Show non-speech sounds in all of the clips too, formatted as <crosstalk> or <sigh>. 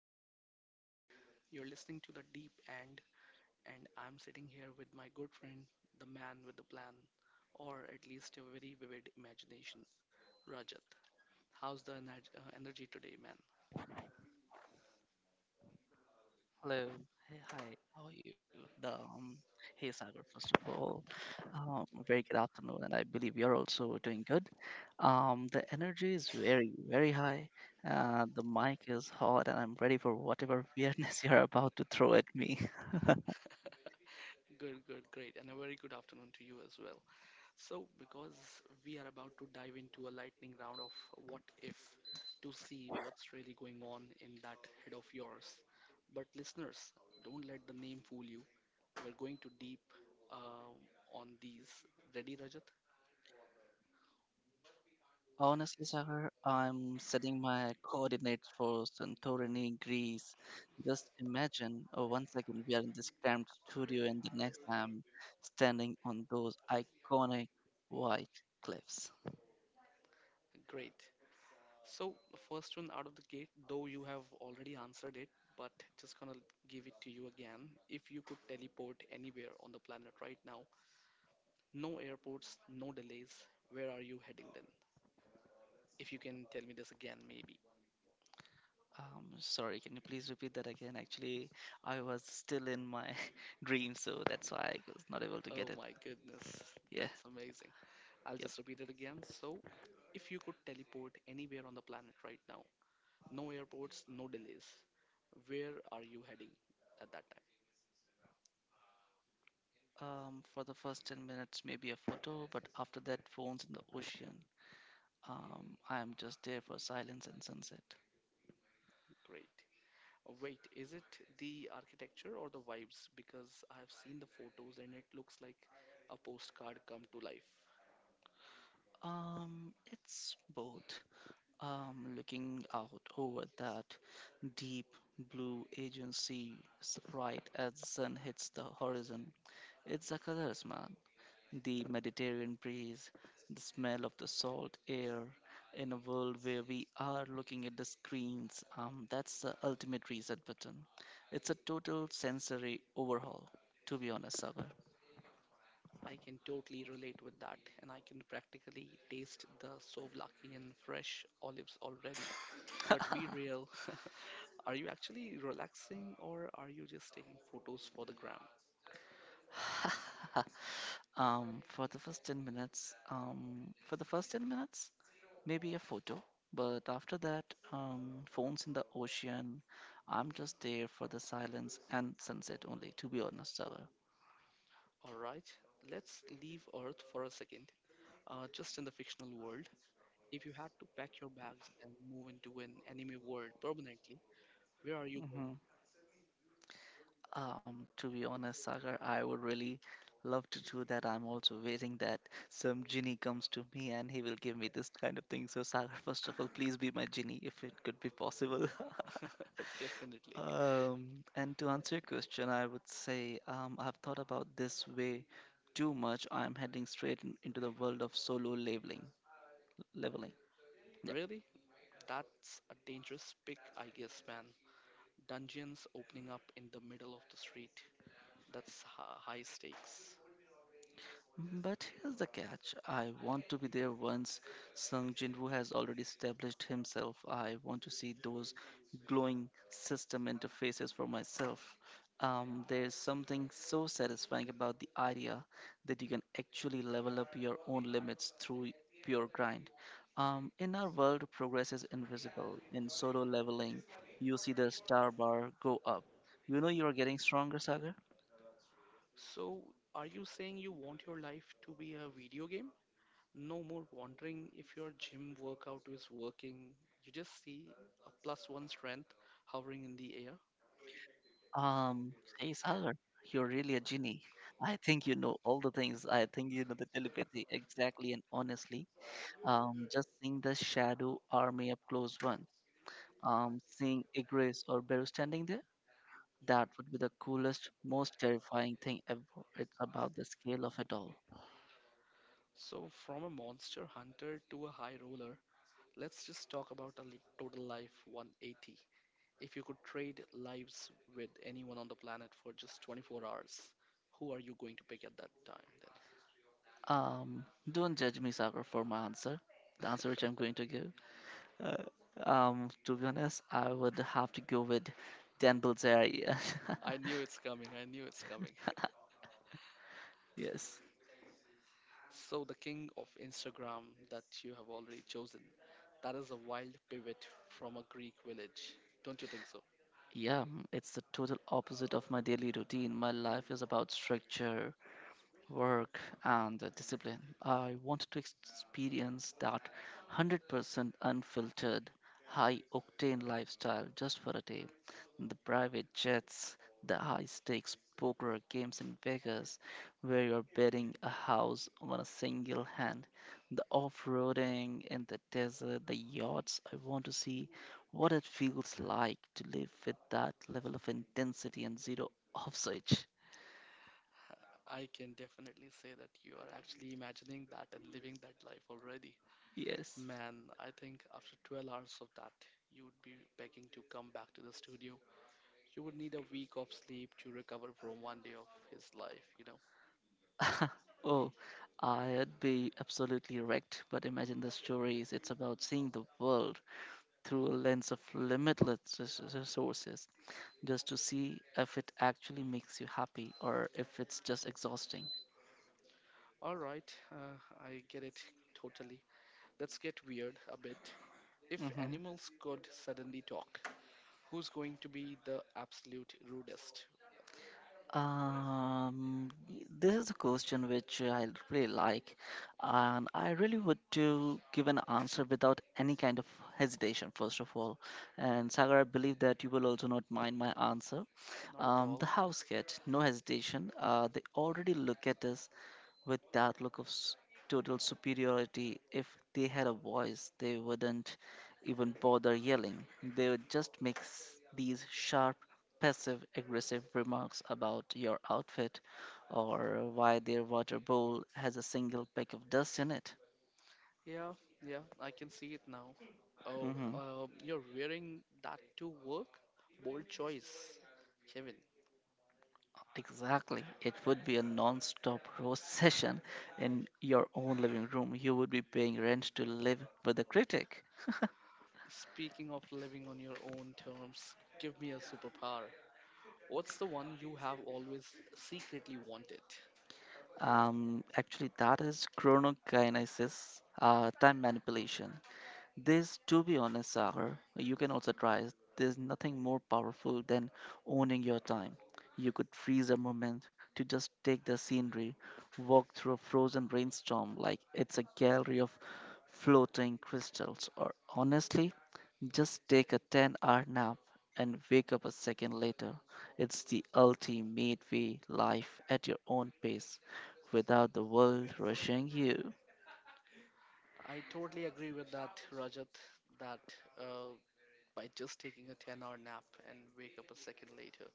right, we are back. You're listening to The Deep End, and I'm sitting here with my good friend, the man with the plan, or at least a very vivid imagination, Rajat. How's the energy today, man? Hello. Hey, hi. How are you? The, um, Hey, Sagar, first of all, a very good afternoon, and I believe you're also doing good. The energy is very, very high. The mic is hot, and I'm ready for whatever weirdness <laughs> you're about to throw at me. Good, good, great, and a very good afternoon to you as well. So, because we are about to dive into a lightning round of what if to see what's really going on in that head of yours. But, listeners, don't let the name fool you. We're going to deep uh, on these. Ready, Rajat? Honestly, Sagar, I'm setting my coordinates for Santorini, Greece. Just imagine, 1 second we are in this cramped studio, and the next I'm standing on those iconic white cliffs. Great. So, first one out of the gate, though you have already answered it, but just gonna give it to you again. If you could teleport anywhere on the planet right now, no airports, no delays, where are you heading then? If you can tell me this again, maybe. Sorry, can you please repeat that again? Actually, I was still in my <laughs> dream, so that's why I was not able to get Oh it. my goodness, Yeah, that's amazing. I'll yep. just repeat it again. So, if you could teleport anywhere on the planet right now, no airports, no delays, where are you heading at that time? For the first 10 minutes, maybe a photo, but after that, phones in the ocean. I'm just there for silence and sunset. Great. Oh, wait, is it the architecture or the vibes? Because I've seen the photos and it looks like a postcard come to life. It's both. Looking out over that deep blue agency right as the sun hits the horizon. It's the colors, man. The Mediterranean breeze, the smell of the salt air in a world where we are looking at the screens. That's the ultimate reset button. It's a total sensory overhaul, to be honest, Sagar. I can totally relate with that, and I can practically taste the souvlaki and fresh olives already. But be real, <laughs> are you actually relaxing or are you just taking photos for the gram? <laughs> For the first 10 minutes, maybe a photo, but after that, phones in the ocean. I'm just there for the silence and sunset only, to be honest, Sagar. All right, let's leave Earth for a second, just in the fictional world. If you had to pack your bags and move into an anime world permanently, where are you going? hmm to be honest, Sagar, I would really love to do that. I'm also waiting that some genie comes to me and he will give me this kind of thing. So, Sagar, first of all, please be my genie if it could be possible. <laughs> <laughs> Definitely. And to answer your question, I would say I've thought about this way too much. I'm heading straight in, into the world of solo leveling. Leveling. Yep. Really? That's a dangerous pick, I guess, man. Dungeons opening up in the middle of the street. That's high stakes. Mm, but here's the catch. I want to be there once Sung Jinwoo has already established himself. I want to see those glowing system interfaces for myself. There's something so satisfying about the idea that you can actually level up your own limits through pure grind. In our world, progress is invisible. In solo leveling, you see the star bar go up. You know you are getting stronger, Sagar? So, are you saying you want your life to be a video game? No more wondering if your gym workout is working. You just see a plus one strength hovering in the air. Um, hey, Sagar, you're really a genie. I think you know all the things. I think you know the telepathy exactly and honestly. Just seeing the shadow army up close once, seeing Igris or Beru standing there, that would be the coolest, most terrifying thing ever. It's about the scale of it all. So, from a monster hunter to a high roller, let's just talk about a total life 180. If you could trade lives with anyone on the planet for just 24 hours, who are you going to pick at that time then? Um, don't judge me, Sagar, for my answer. The answer which I'm going to give. Uh, to be honest, I would have to go with Dan Bilzerian. <laughs> I knew it's coming. I knew it's coming. Yes. So, the king of Instagram that you have already chosen, that is a wild pivot from a Greek village. Don't you think so? Yeah, mm, it's the total opposite of my daily routine. My life is about structure, work, and the discipline. I want to experience that 100% unfiltered, high octane lifestyle just for a day. The private jets, the high stakes poker games in Vegas, where you're betting a house on a single hand, the off roading in the desert, the yachts. I want to see what it feels like to live with that level of intensity and zero <laughs> off switch. I can definitely say that you are actually imagining that and living that life already. Yes. Man, I think after 12 hours of that, you would be begging to come back to the studio. You would need a week of sleep to recover from one day of his life, you know. <laughs> Oh, I'd be absolutely wrecked. But imagine the stories. It's about seeing the world through a lens of limitless resources, just to see if it actually makes you happy or if it's just exhausting. All right, I get it totally. Let's get weird a bit. If hmm animals could suddenly talk, who's going to be the absolute rudest? Um, this is a question which I really like, and I really would to give an answer without any kind of hesitation, first of all. And Sagar, I believe that you will also not mind my answer. Not at The all. house <laughs> cat, no hesitation, Hmm. They already look at us with that look of total superiority. If they had a voice, they wouldn't even bother yelling. They would just make these sharp, passive aggressive remarks about your outfit or why their water bowl has a single peck of dust in it. Yeah, yeah, I can see it now. Oh, Mm-hmm. You're wearing that to work? Bold choice, Kevin. Exactly. It would be a non stop roast <laughs> session in your own living room. You would be paying rent to live with a critic. <laughs> Speaking of living on your own terms, give me a superpower. What's the one you have always secretly wanted? Actually, that is chronokinesis, time manipulation. This, to be honest, Sagar, you can also try it. There's nothing more powerful than owning your time. You could freeze a moment to just take the scenery, walk through a frozen rainstorm like it's a gallery of floating crystals, or honestly, just take a 10-hour nap and wake up a second later. It's the ultimate way life at your own pace without the world rushing you. I totally agree with that, Rajat, that uh, by just taking a 10-hour nap and wake up a second later.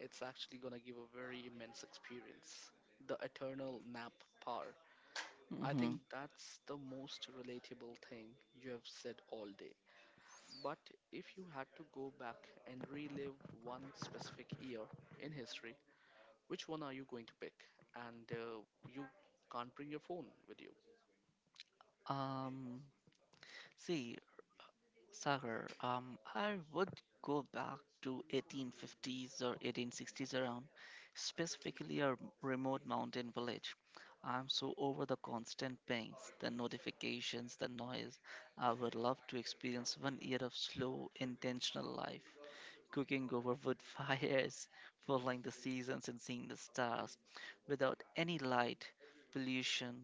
It's actually going to give a very immense experience. The eternal nap power. I hmm think that's the most relatable thing you have said all day. But if you had to go back and relive one specific year in history, which one are you going to pick? And you can't bring your phone with you. Um, see, Sagar, I would go back to 1850s or 1860s around, specifically a remote mountain village. I'm so over the constant pings, the notifications, the noise. I would love to experience 1 year of slow, intentional life cooking over wood <laughs> fires, following the seasons and seeing the stars without any light pollution,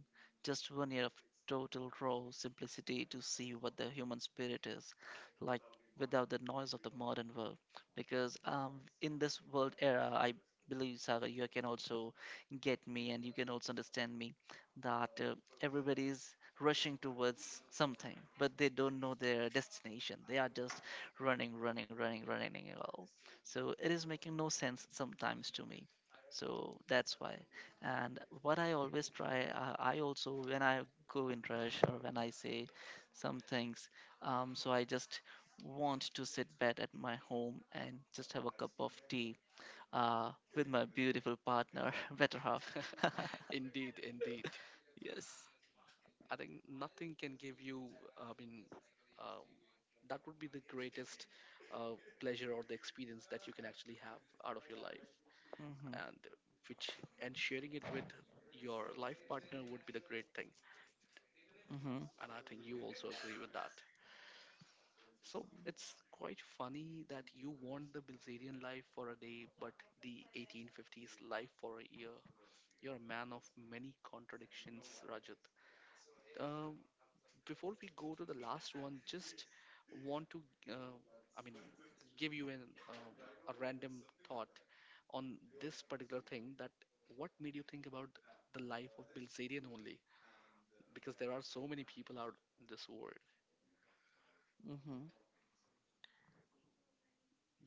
just 1 year of total raw simplicity to see what the human spirit is like without the noise of the modern world. Because in this world era, I believe, Sagar, you can also get me and you can also understand me that everybody is rushing towards something, but they don't know their destination. They are just running, running, running, running and all. So it is making no sense sometimes to me. So that's why. And what I always try, I also when I go in rush or when I say some things, so I just want to sit back at my home and just have a cup of tea with my beautiful partner, <laughs> better half. <laughs> <laughs> Indeed, indeed. Yes. I think nothing can give you, I mean, uh, that would be the greatest uh, pleasure or the experience that you can actually have out of your life Mm-hmm. and which and sharing it with your life partner would be the great thing, Mm-hmm. and I think you also agree with that. So it's quite funny that you want the Bilzerian life for a day, but the 1850s life for a year. You're a man of many contradictions, Rajat. Um, before we go to the last one, just want to, uh, I mean, give you an um a random thought on this particular thing that what made you think about the life of Bilzerian only? Because there are so many people out in this world. Mm-hmm.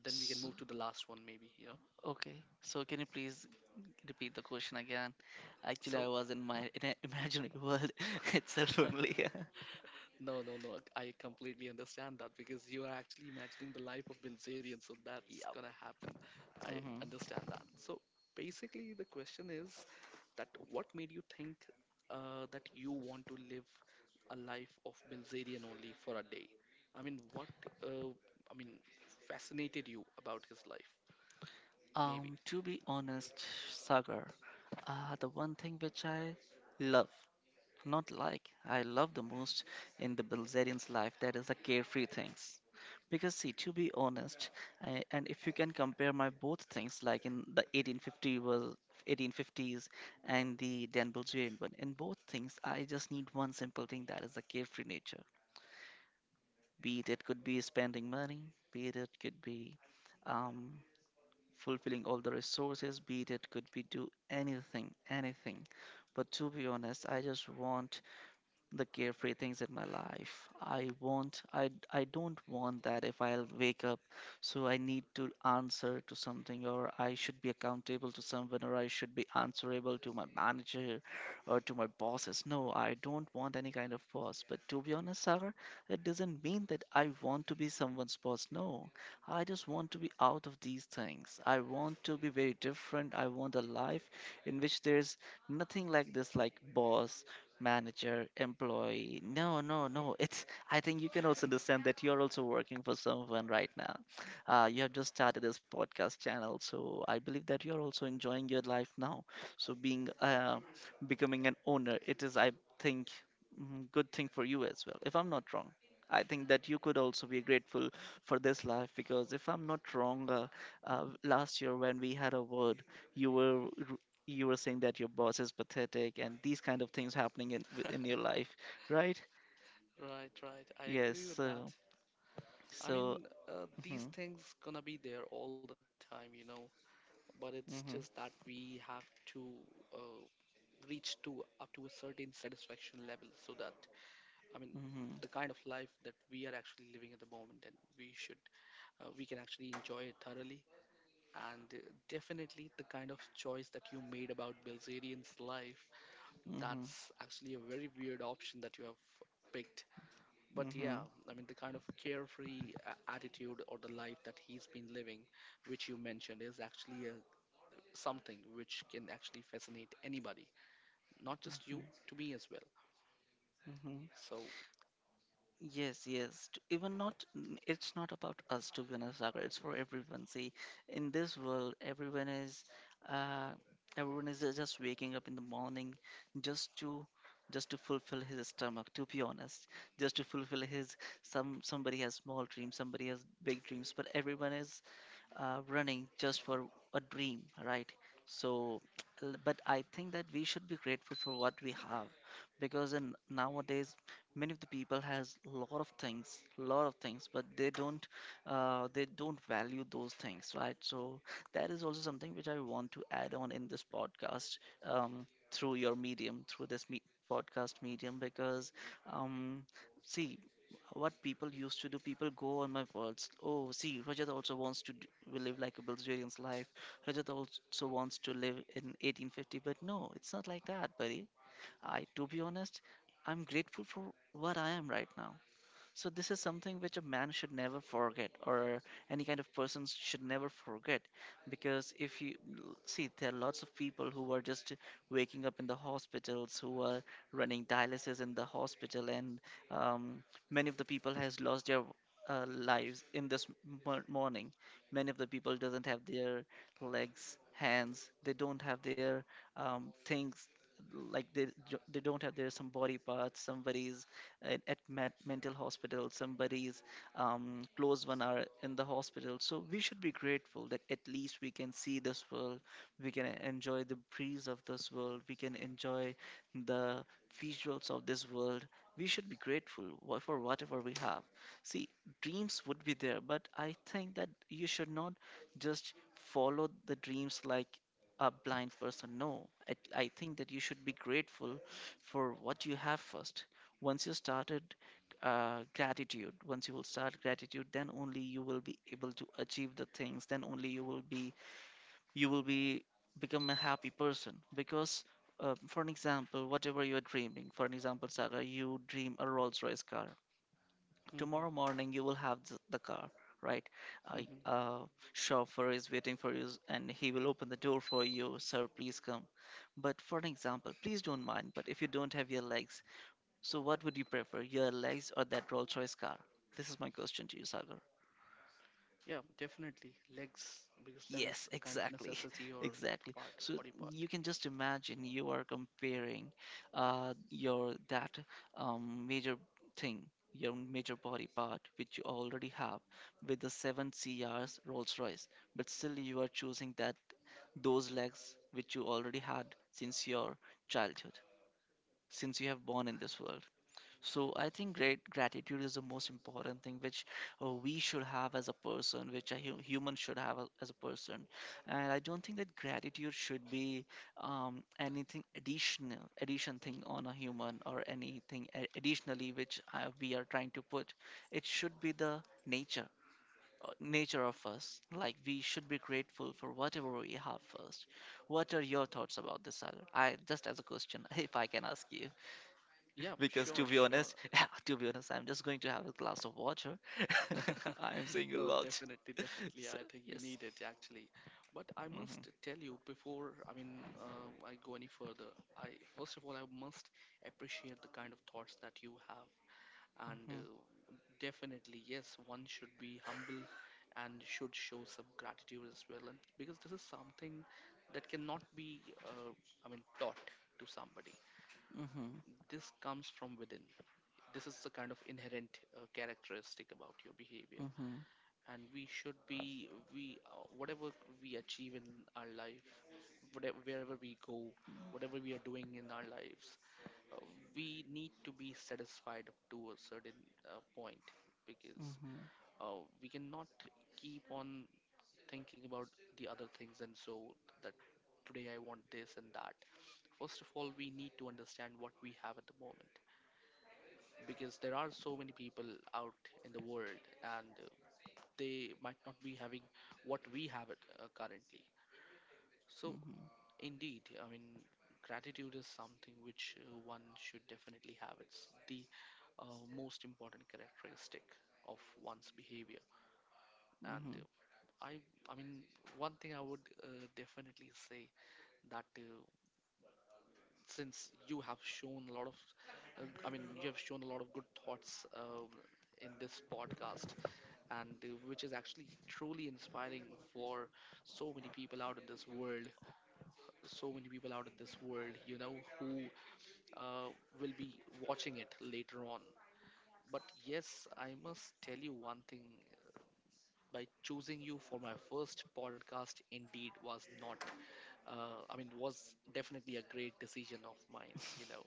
Then we can So, move to the last one, maybe, you know. okay. So can you please repeat the question again. Actually, I So was in my <laughs> in a imaginary world <laughs> itself <laughs> only. <laughs> no, no, no. I completely understand that because you are actually imagining the life of Bilzerian, so that's Yep. gonna happen. I hmm understand that. So basically, the question is that what made you think that you want to live a life of Bilzerian only for a day? I mean, what uh, I mean fascinated you about his life, maybe. To be honest, Sagar, the one thing which I love, not like, I love the most in the Bulgarians' life, that is the carefree things. Because see, to be honest, I, and if you can compare my both things, like in the 1850 was 1850s and the Dan Bulgarian one, in both things, I just need one simple thing, that is the carefree nature. Be it it could be spending money, be it it could be um, fulfilling all the resources, be it it could be do anything, anything. But to be honest, I just want the carefree things in my life. I don't want that if I'll wake up so I need to answer to something or I should be accountable to someone or I should be answerable to my manager or to my bosses. No, I don't want any kind of boss. But to be honest, Sagar, it doesn't mean that I want to be someone's boss. No. I just want to be out of these things. I want to be very different. I want a life in which there's nothing like this like boss manager, employee. No, no, no. It's. I think you can also understand that you're also working for someone right now. You have just started this podcast channel, so I believe that you're also enjoying your life now. So being becoming an owner, it is, I think, good thing for you as well. If I'm not wrong. I think that you could also be grateful for this life because if I'm not wrong, last year when we had a word, you were you were saying that your boss is pathetic and these kind of things happening in your life, right? Right, right. I Yes. agree with that. So I so. mean, these Mm-hmm, things gonna be there all the time, you know. But it's just mm-hmm, that we have to uh, reach to up to a certain satisfaction level so that I mean mm-hmm, the kind of life that we are actually living at the moment, and we should we can actually enjoy it thoroughly, and definitely the kind of choice that you made about Bilzerian's life, mm-hmm, that's actually a very weird option that you have picked. But mm-hmm, yeah, I mean, the kind of carefree attitude or the life that he's been living, which you mentioned, is actually a something which can actually fascinate anybody, not just you, to me as well. mm-hmm, So, yes, yes. t- Even not, n- it's not about us to be honest, Sagar. It's for everyone. See, in this world, uh, everyone is just waking up in the morning just to, just to fulfill his stomach. To be honest, just to fulfill his somebody has small dreams, somebody has big dreams, but everyone is running just for a dream, right? So, but I think that we should be grateful for what we have, because in nowadays many of the people has a lot of things, but they don't value those things, right? So that is also something which I want to add on in this podcast, through your medium, through this podcast medium, because um, see what people used to do. People go on my words. Oh, see, Rajat also wants to live like a Bulgarian's life. Rajat also wants to live in 1850. But no, it's not like that, buddy. To be honest, I'm grateful for what I am right now. So this is something which a man should never forget, or any kind of person should never forget, because if you see, there are lots of people who are just waking up in the hospitals, who are running dialysis in the hospital, and um, many of the people has lost their lives in this morning. Many of the people doesn't have their legs, hands. They don't have their things like they don't have their some body parts. Somebody's at mental hospital, somebody's close one are in the hospital, so we should be grateful that at least we can see this world, we can enjoy the breeze of this world, we can enjoy the visuals of this world. We should be grateful for whatever we have. See, dreams would be there, but I think that you should not just follow the dreams like a blind person. No it, I think that you should be grateful for what you have first. Once you started gratitude, once you will start gratitude, then only you will be able to achieve the things, then only you will be become a happy person. Because for an example, whatever you are dreaming, for an example, Saga, you dream a Rolls Royce car. hmm, Tomorrow morning you will have the car, right? A hmm, chauffeur is waiting for you and he will open the door for you. Sir, please come. But for an example, please don't mind, but if you don't have your legs, so what would you prefer, your legs or that Rolls Royce car? This is my question to you, Sagar. yeah, definitely legs because that Yes, is a kind of exactly, necessity <laughs> or exactly. part, So body part. you can just imagine, you are comparing your that major thing, your major body part, which you already have, with the seven CRs Rolls Royce, but still you are choosing that, those legs which you already had since your childhood, since you have born in this world. So I think great gratitude is the most important thing which we should have as a person, which a human should have as a person. And I don't think that gratitude should be anything additional, addition thing on a human, or anything additionally which we are trying to put. It should be the nature. Nature of us, like we should be grateful for whatever we have first. What are your thoughts about this, Sal? I just as a question, <laughs> if I can ask you, Yeah, yeah, because to sure, be sure. honest, <laughs> to be honest, I'm just going to have a glass of water. <laughs> <laughs> I'm saying a No, lot. definitely, <laughs> definitely. So I think you yes. need it actually. But I hmm must tell you before, I mean, I go any further, I first of all, I must appreciate the kind of thoughts that you have. And hmm definitely, yes, one should be humble and should show some gratitude as well. And because this is something that cannot be, I mean, taught to somebody. hmm This comes from within. This is the kind of inherent characteristic about your behavior. hmm And we should be, we whatever we achieve in our life, whatever, wherever we go, whatever we are doing in our lives, uh, we need to be satisfied up to a certain point, because hmm we cannot keep on thinking about the other things and so that today I want this and that. First of all, we need to understand what we have at the moment because there are so many people out in the world, and they might not be having what we have it currently. So, hmm indeed, I mean, gratitude is something which one should definitely have. It's the uh, most important characteristic of one's behavior, and hmm I I mean one thing I would definitely say that since you have shown a lot of I mean you have shown a lot of good thoughts in this podcast, and which is actually truly inspiring for so many people out in this world, so many people out in this world, you know, who uh, will be watching it later on. But yes, I must tell you one thing, by choosing you for my first podcast indeed was not I mean, was definitely a great decision of mine, you know.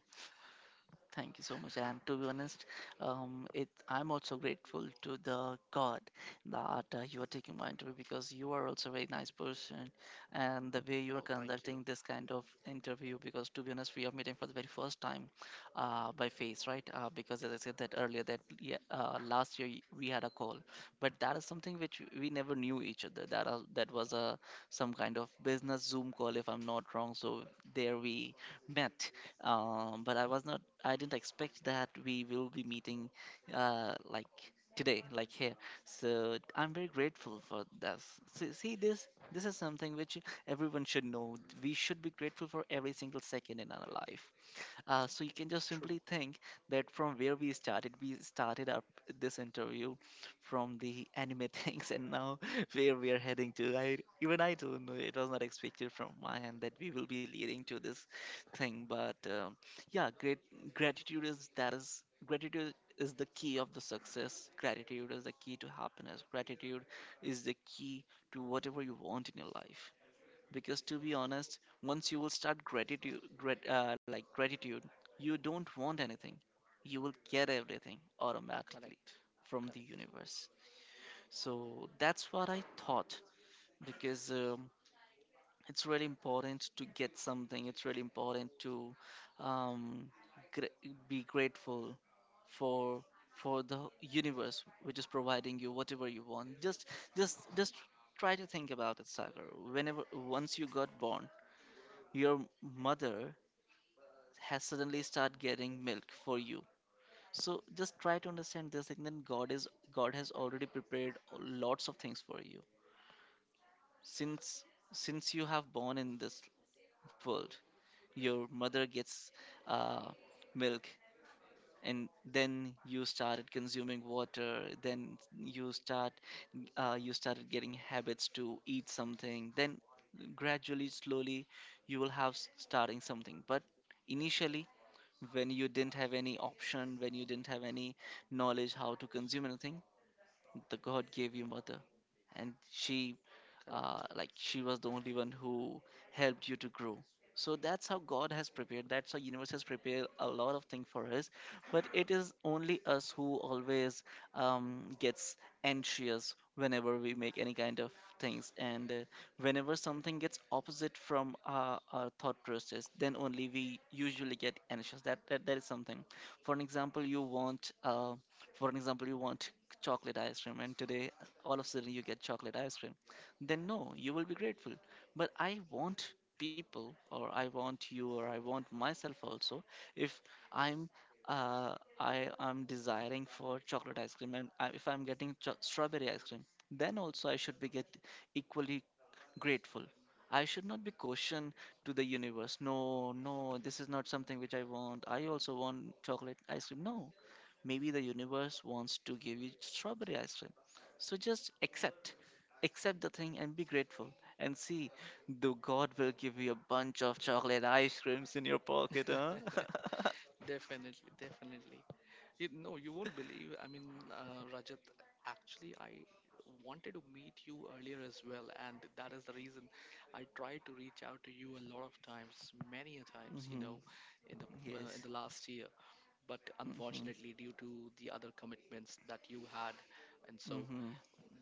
Thank you so much. And to be honest, it I'm also grateful to the God that you are taking my interview, because you are also a very nice person, and the way you are Oh, thank conducting you. this kind of interview. Because to be honest, we are meeting for the very first time, by face, right? Because as I said that earlier, that yeah, last year we had a call, but that is something which we never knew each other. That was a some kind of business Zoom call, if I'm not wrong. So there we met, but I was not I didn't expect that we will be meeting like today, like here. So I'm very grateful for this. See, this this is something which everyone should know. We should be grateful for every single second in our life. So you can just simply True. think that from where we started up this interview from the anime <laughs> things, and now <laughs> where we are heading to. I don't know. It was not expected from my end that we will be leading to this thing, but yeah, great gratitude is that is gratitude is the key of the success. Gratitude is the key to happiness. Gratitude is the key to whatever you want in your life. Because to be honest, once you will start gratitude, like gratitude, you don't want anything, you will get everything automatically Correct. from the Correct. universe. So that's what I thought. Because it's really important to get something, it's really important to um, gr- be grateful for for the universe which is providing you whatever you want. Just try to think about it, Sagar. Whenever, once you got born, your mother has suddenly start getting milk for you. So just try to understand this. And then god has already prepared lots of things for you since since you have born in this world. Your mother gets uh, milk, and then you started consuming water, then you start you started getting habits to eat something, then gradually, slowly you will have starting something. But initially, when you didn't have any option, when you didn't have any knowledge how to consume anything, the god gave you mother, and she Correct. like she was the only one who helped you to grow. So that's how god has prepared, that's how universe has prepared a lot of things for us. But it is only us who always gets anxious whenever we make any kind of things. And whenever something gets opposite from our thought process, then only we usually get anxious. That is something. For an example, you want for an example you want chocolate ice cream, and today all of a sudden you get chocolate ice cream, then no, you will be grateful. But I want people, or I want you, or I want myself also, if I'm I am desiring for chocolate ice cream, and I, if I'm getting strawberry ice cream, then also I should be get equally grateful. I should not be cautioned to the universe. No, no, this is not something which I want. I also want chocolate ice cream. No, maybe the universe wants to give you strawberry ice cream. So just accept. Accept the thing and be grateful. And see, the God will give you a bunch of chocolate ice creams in your pocket, huh? <laughs> Definitely, definitely. You no, you won't believe. I mean, Rajat, actually, I wanted to meet you earlier as well, and that is the reason I tried to reach out to you a lot of times, many a <laughs> times, you Mm-hmm. know, in the in Yes. the last year. But hmm unfortunately, due to the other commitments that you had, and so hmm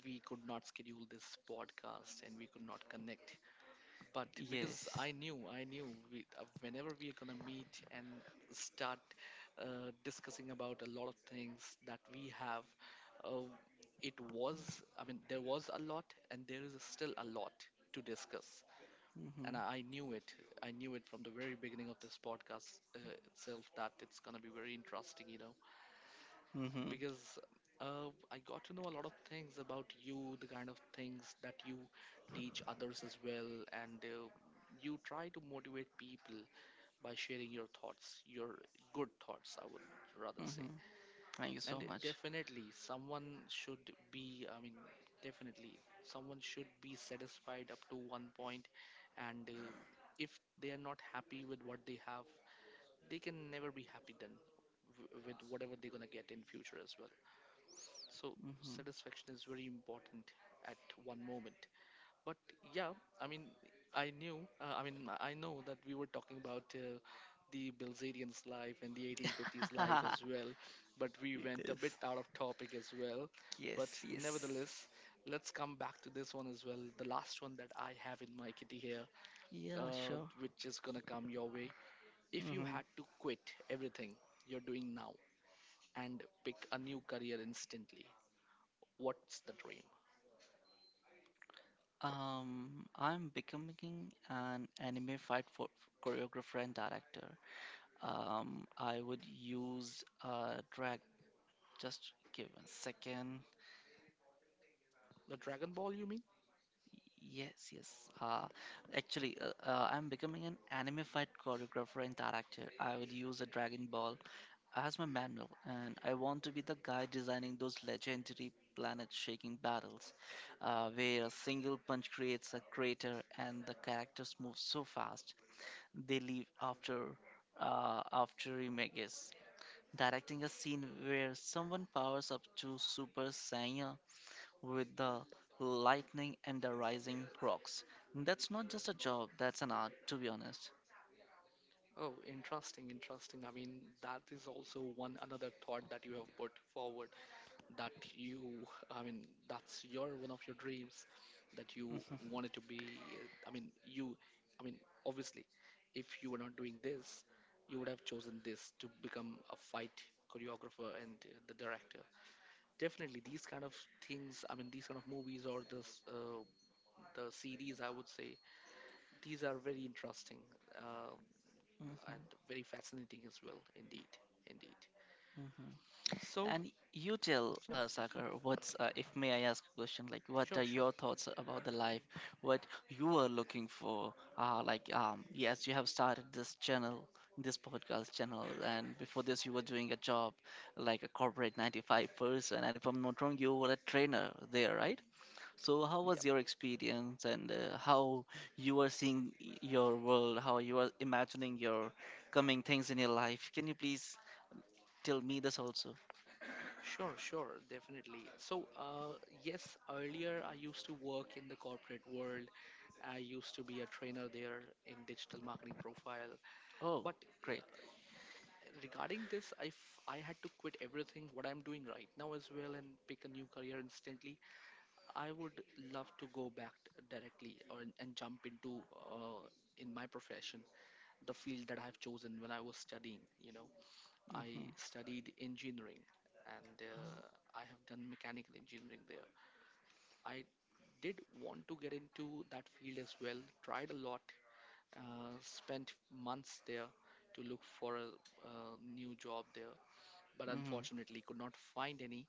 we could not schedule this podcast and we could not connect. But because Yes. I knew whenever we are gonna meet and start discussing about a lot of things that we have, uh, it was, I mean, there was a lot, and there is still a lot to discuss. And hmm I knew it. I knew it from the very beginning of this podcast itself, that it's gonna be very interesting, you know, hmm because I got to know a lot of things about you, the kind of things that you teach others as well, and you try to motivate people by sharing your thoughts, your good thoughts, I would rather say. hmm Thank you And so much. definitely, someone should be, I mean, definitely, someone should be satisfied up to one point, and if they are not happy with what they have, they can never be happy then with whatever they're gonna get in future as well, so hmm satisfaction is very important at one moment. But yeah, I mean, I knew, I mean, I know that we were talking about the Bilzerian's life and the 1850s <laughs> life as well, but we went a bit yes. out of topic as well. Yes. But Yes. nevertheless, let's come back to this one as well, the last one that I have in my kitty here, Yeah, sure. which is gonna come your way. If you hmm had to quit everything you're doing now and pick a new career instantly, what's the dream? I'm becoming an anime fight for choreographer and director. I would use drag. Just give a second. The Dragon Ball, you mean? Yes, yes. Actually, I'm becoming an anime fight choreographer and director. I would use a Dragon Ball as my manual, and I want to be the guy designing those legendary planet-shaking battles, where a single punch creates a crater and the characters move so fast they leave after after Remakes, directing a scene where someone powers up to Super Saiyan with the lightning and the rising rocks. That's not just a job, that's an art, to be honest. Oh, interesting, interesting. I mean, that is also one another thought that you have put forward that you, I mean, that's your one of your dreams that you Mhm, wanted to be. I mean, you, I mean, obviously, if you were not doing this, you would have chosen this to become a fight choreographer and the director. Definitely, these kind of things, I mean, these kind of movies or this, the series, I would say, these are very interesting uh, and mhm, very fascinating as well. Indeed, indeed. mhm. So, And you tell yep, yep. Sagar, what's if may I ask a question? Like, what Sure, are sure. your thoughts about the life? What you are looking for? Like, yes, you have started this channel, this podcast channel, and before this, you were doing a job like a corporate 9 to 5 person. And if I'm not wrong, you were a trainer there, right? So, how was Yep. your experience, and how you are seeing your world? How you are imagining your coming things in your life? Can you please tell me this also? Sure, sure, definitely. So, yes, earlier I used to work in the corporate world. I used to be a trainer there in digital marketing profile. Oh. But Great. Regarding this, if I had to quit everything what I'm doing right now as well and pick a new career instantly, I would love to go back directly or and jump into uh, in my profession, the field that I've chosen when I was studying. You know, I hmm studied engineering and Oh. I have done mechanical engineering there. I did want to get into that field as well, tried a lot, spent months there to look for a, new job there, but hmm unfortunately could not find any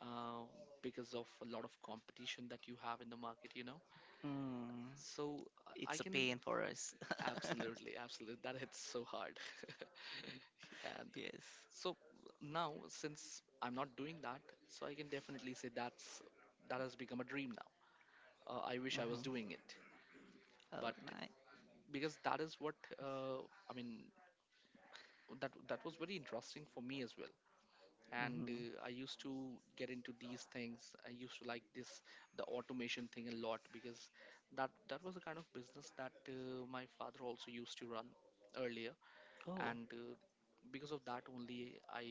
uh, because of a lot of competition that you have in the market, you know. Mm. So I It's a can pain for us. <laughs> absolutely, absolutely, that hits so hard. <laughs> And Yes. so now, since I'm not doing that, so I can definitely say that has become a dream now. I wish I was hmm doing it, Oh, but nice. because that is what uh, I mean, that was very interesting for me as well. And hmm I used to get into these things, I used to like this, the automation thing a lot because that was the kind of business that my father also used to run earlier, Oh. and because of that only I,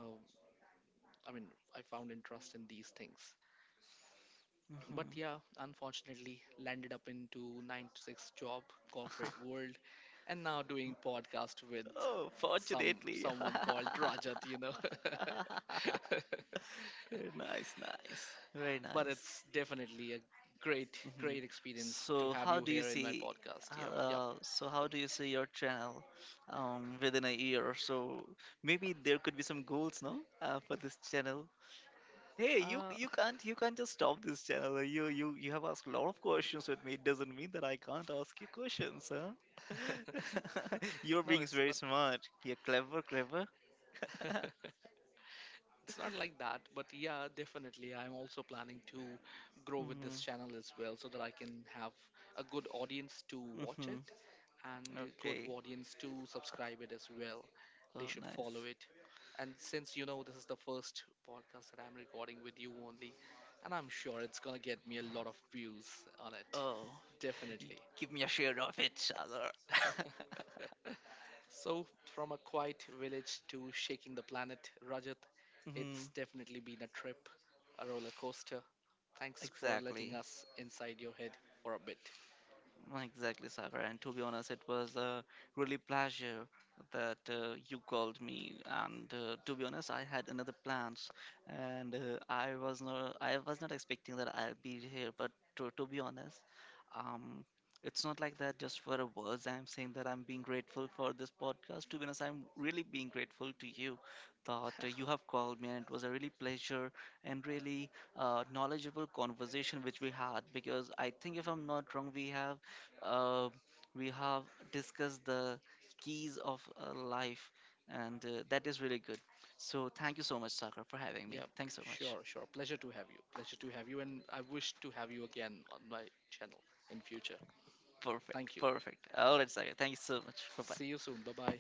uh, I mean, I found interest in these things. But hmm yeah, unfortunately landed up into 9 to 6 job, corporate <laughs> world, and now doing podcast with oh, fortunately. someone called Rajat, you know. <laughs> <laughs> Very nice, nice. Very But nice. it's definitely a great, hmm great experience to So, have how you do you here in my see? podcast. Yep, yep. So, how do you see your channel within a year or so? Maybe there could be some goals, no, for this channel. Hey, Uh, you can't just stop this channel. Like, you have asked a lot of questions with me. It doesn't mean that I can't ask you questions, huh? <laughs> You're <laughs> no, being it's very not. smart. You're clever. <laughs> <laughs> It's not like that, but yeah, definitely. I'm also planning to grow with Mm-hmm. this channel as well, so that I can have a good audience to watch Mm-hmm. it and the good Okay. audience to subscribe it as well. They Oh, should follow nice. it. And since you know this is the first podcast that I'm recording with you only, and I'm sure it's gonna get me a lot of views on it. Oh, Definitely. give me a share of it, Shalar. <laughs> So, from a quiet village to shaking the planet, Rajat, Mm, it's definitely been a trip, a roller coaster. <laughs> Thanks for letting exactly. us inside your head for a bit. Exactly, Sagar. And to be honest, it was a really pleasure that you called me. And to be honest, I had another plans, and I was not expecting that I'll be here. But to be honest, um, it's not like that. Just for a words, I'm saying that I'm being grateful for this podcast. To be honest, I'm really being grateful to you that you have called me, <laughs> and it was a really pleasure and really knowledgeable conversation which we had, because I think if I'm not wrong, uh, we have discussed the keys of life, and that is really good. So thank you so much, Sagar, for having me. Yeah, Thanks so much. sure, sure. Pleasure to have you. Pleasure to have you, and I wish to have you again on my channel in future. Thank Perfect, you. perfect. All right, Sagar. Thank you so much. Bye bye. See you soon. Bye bye.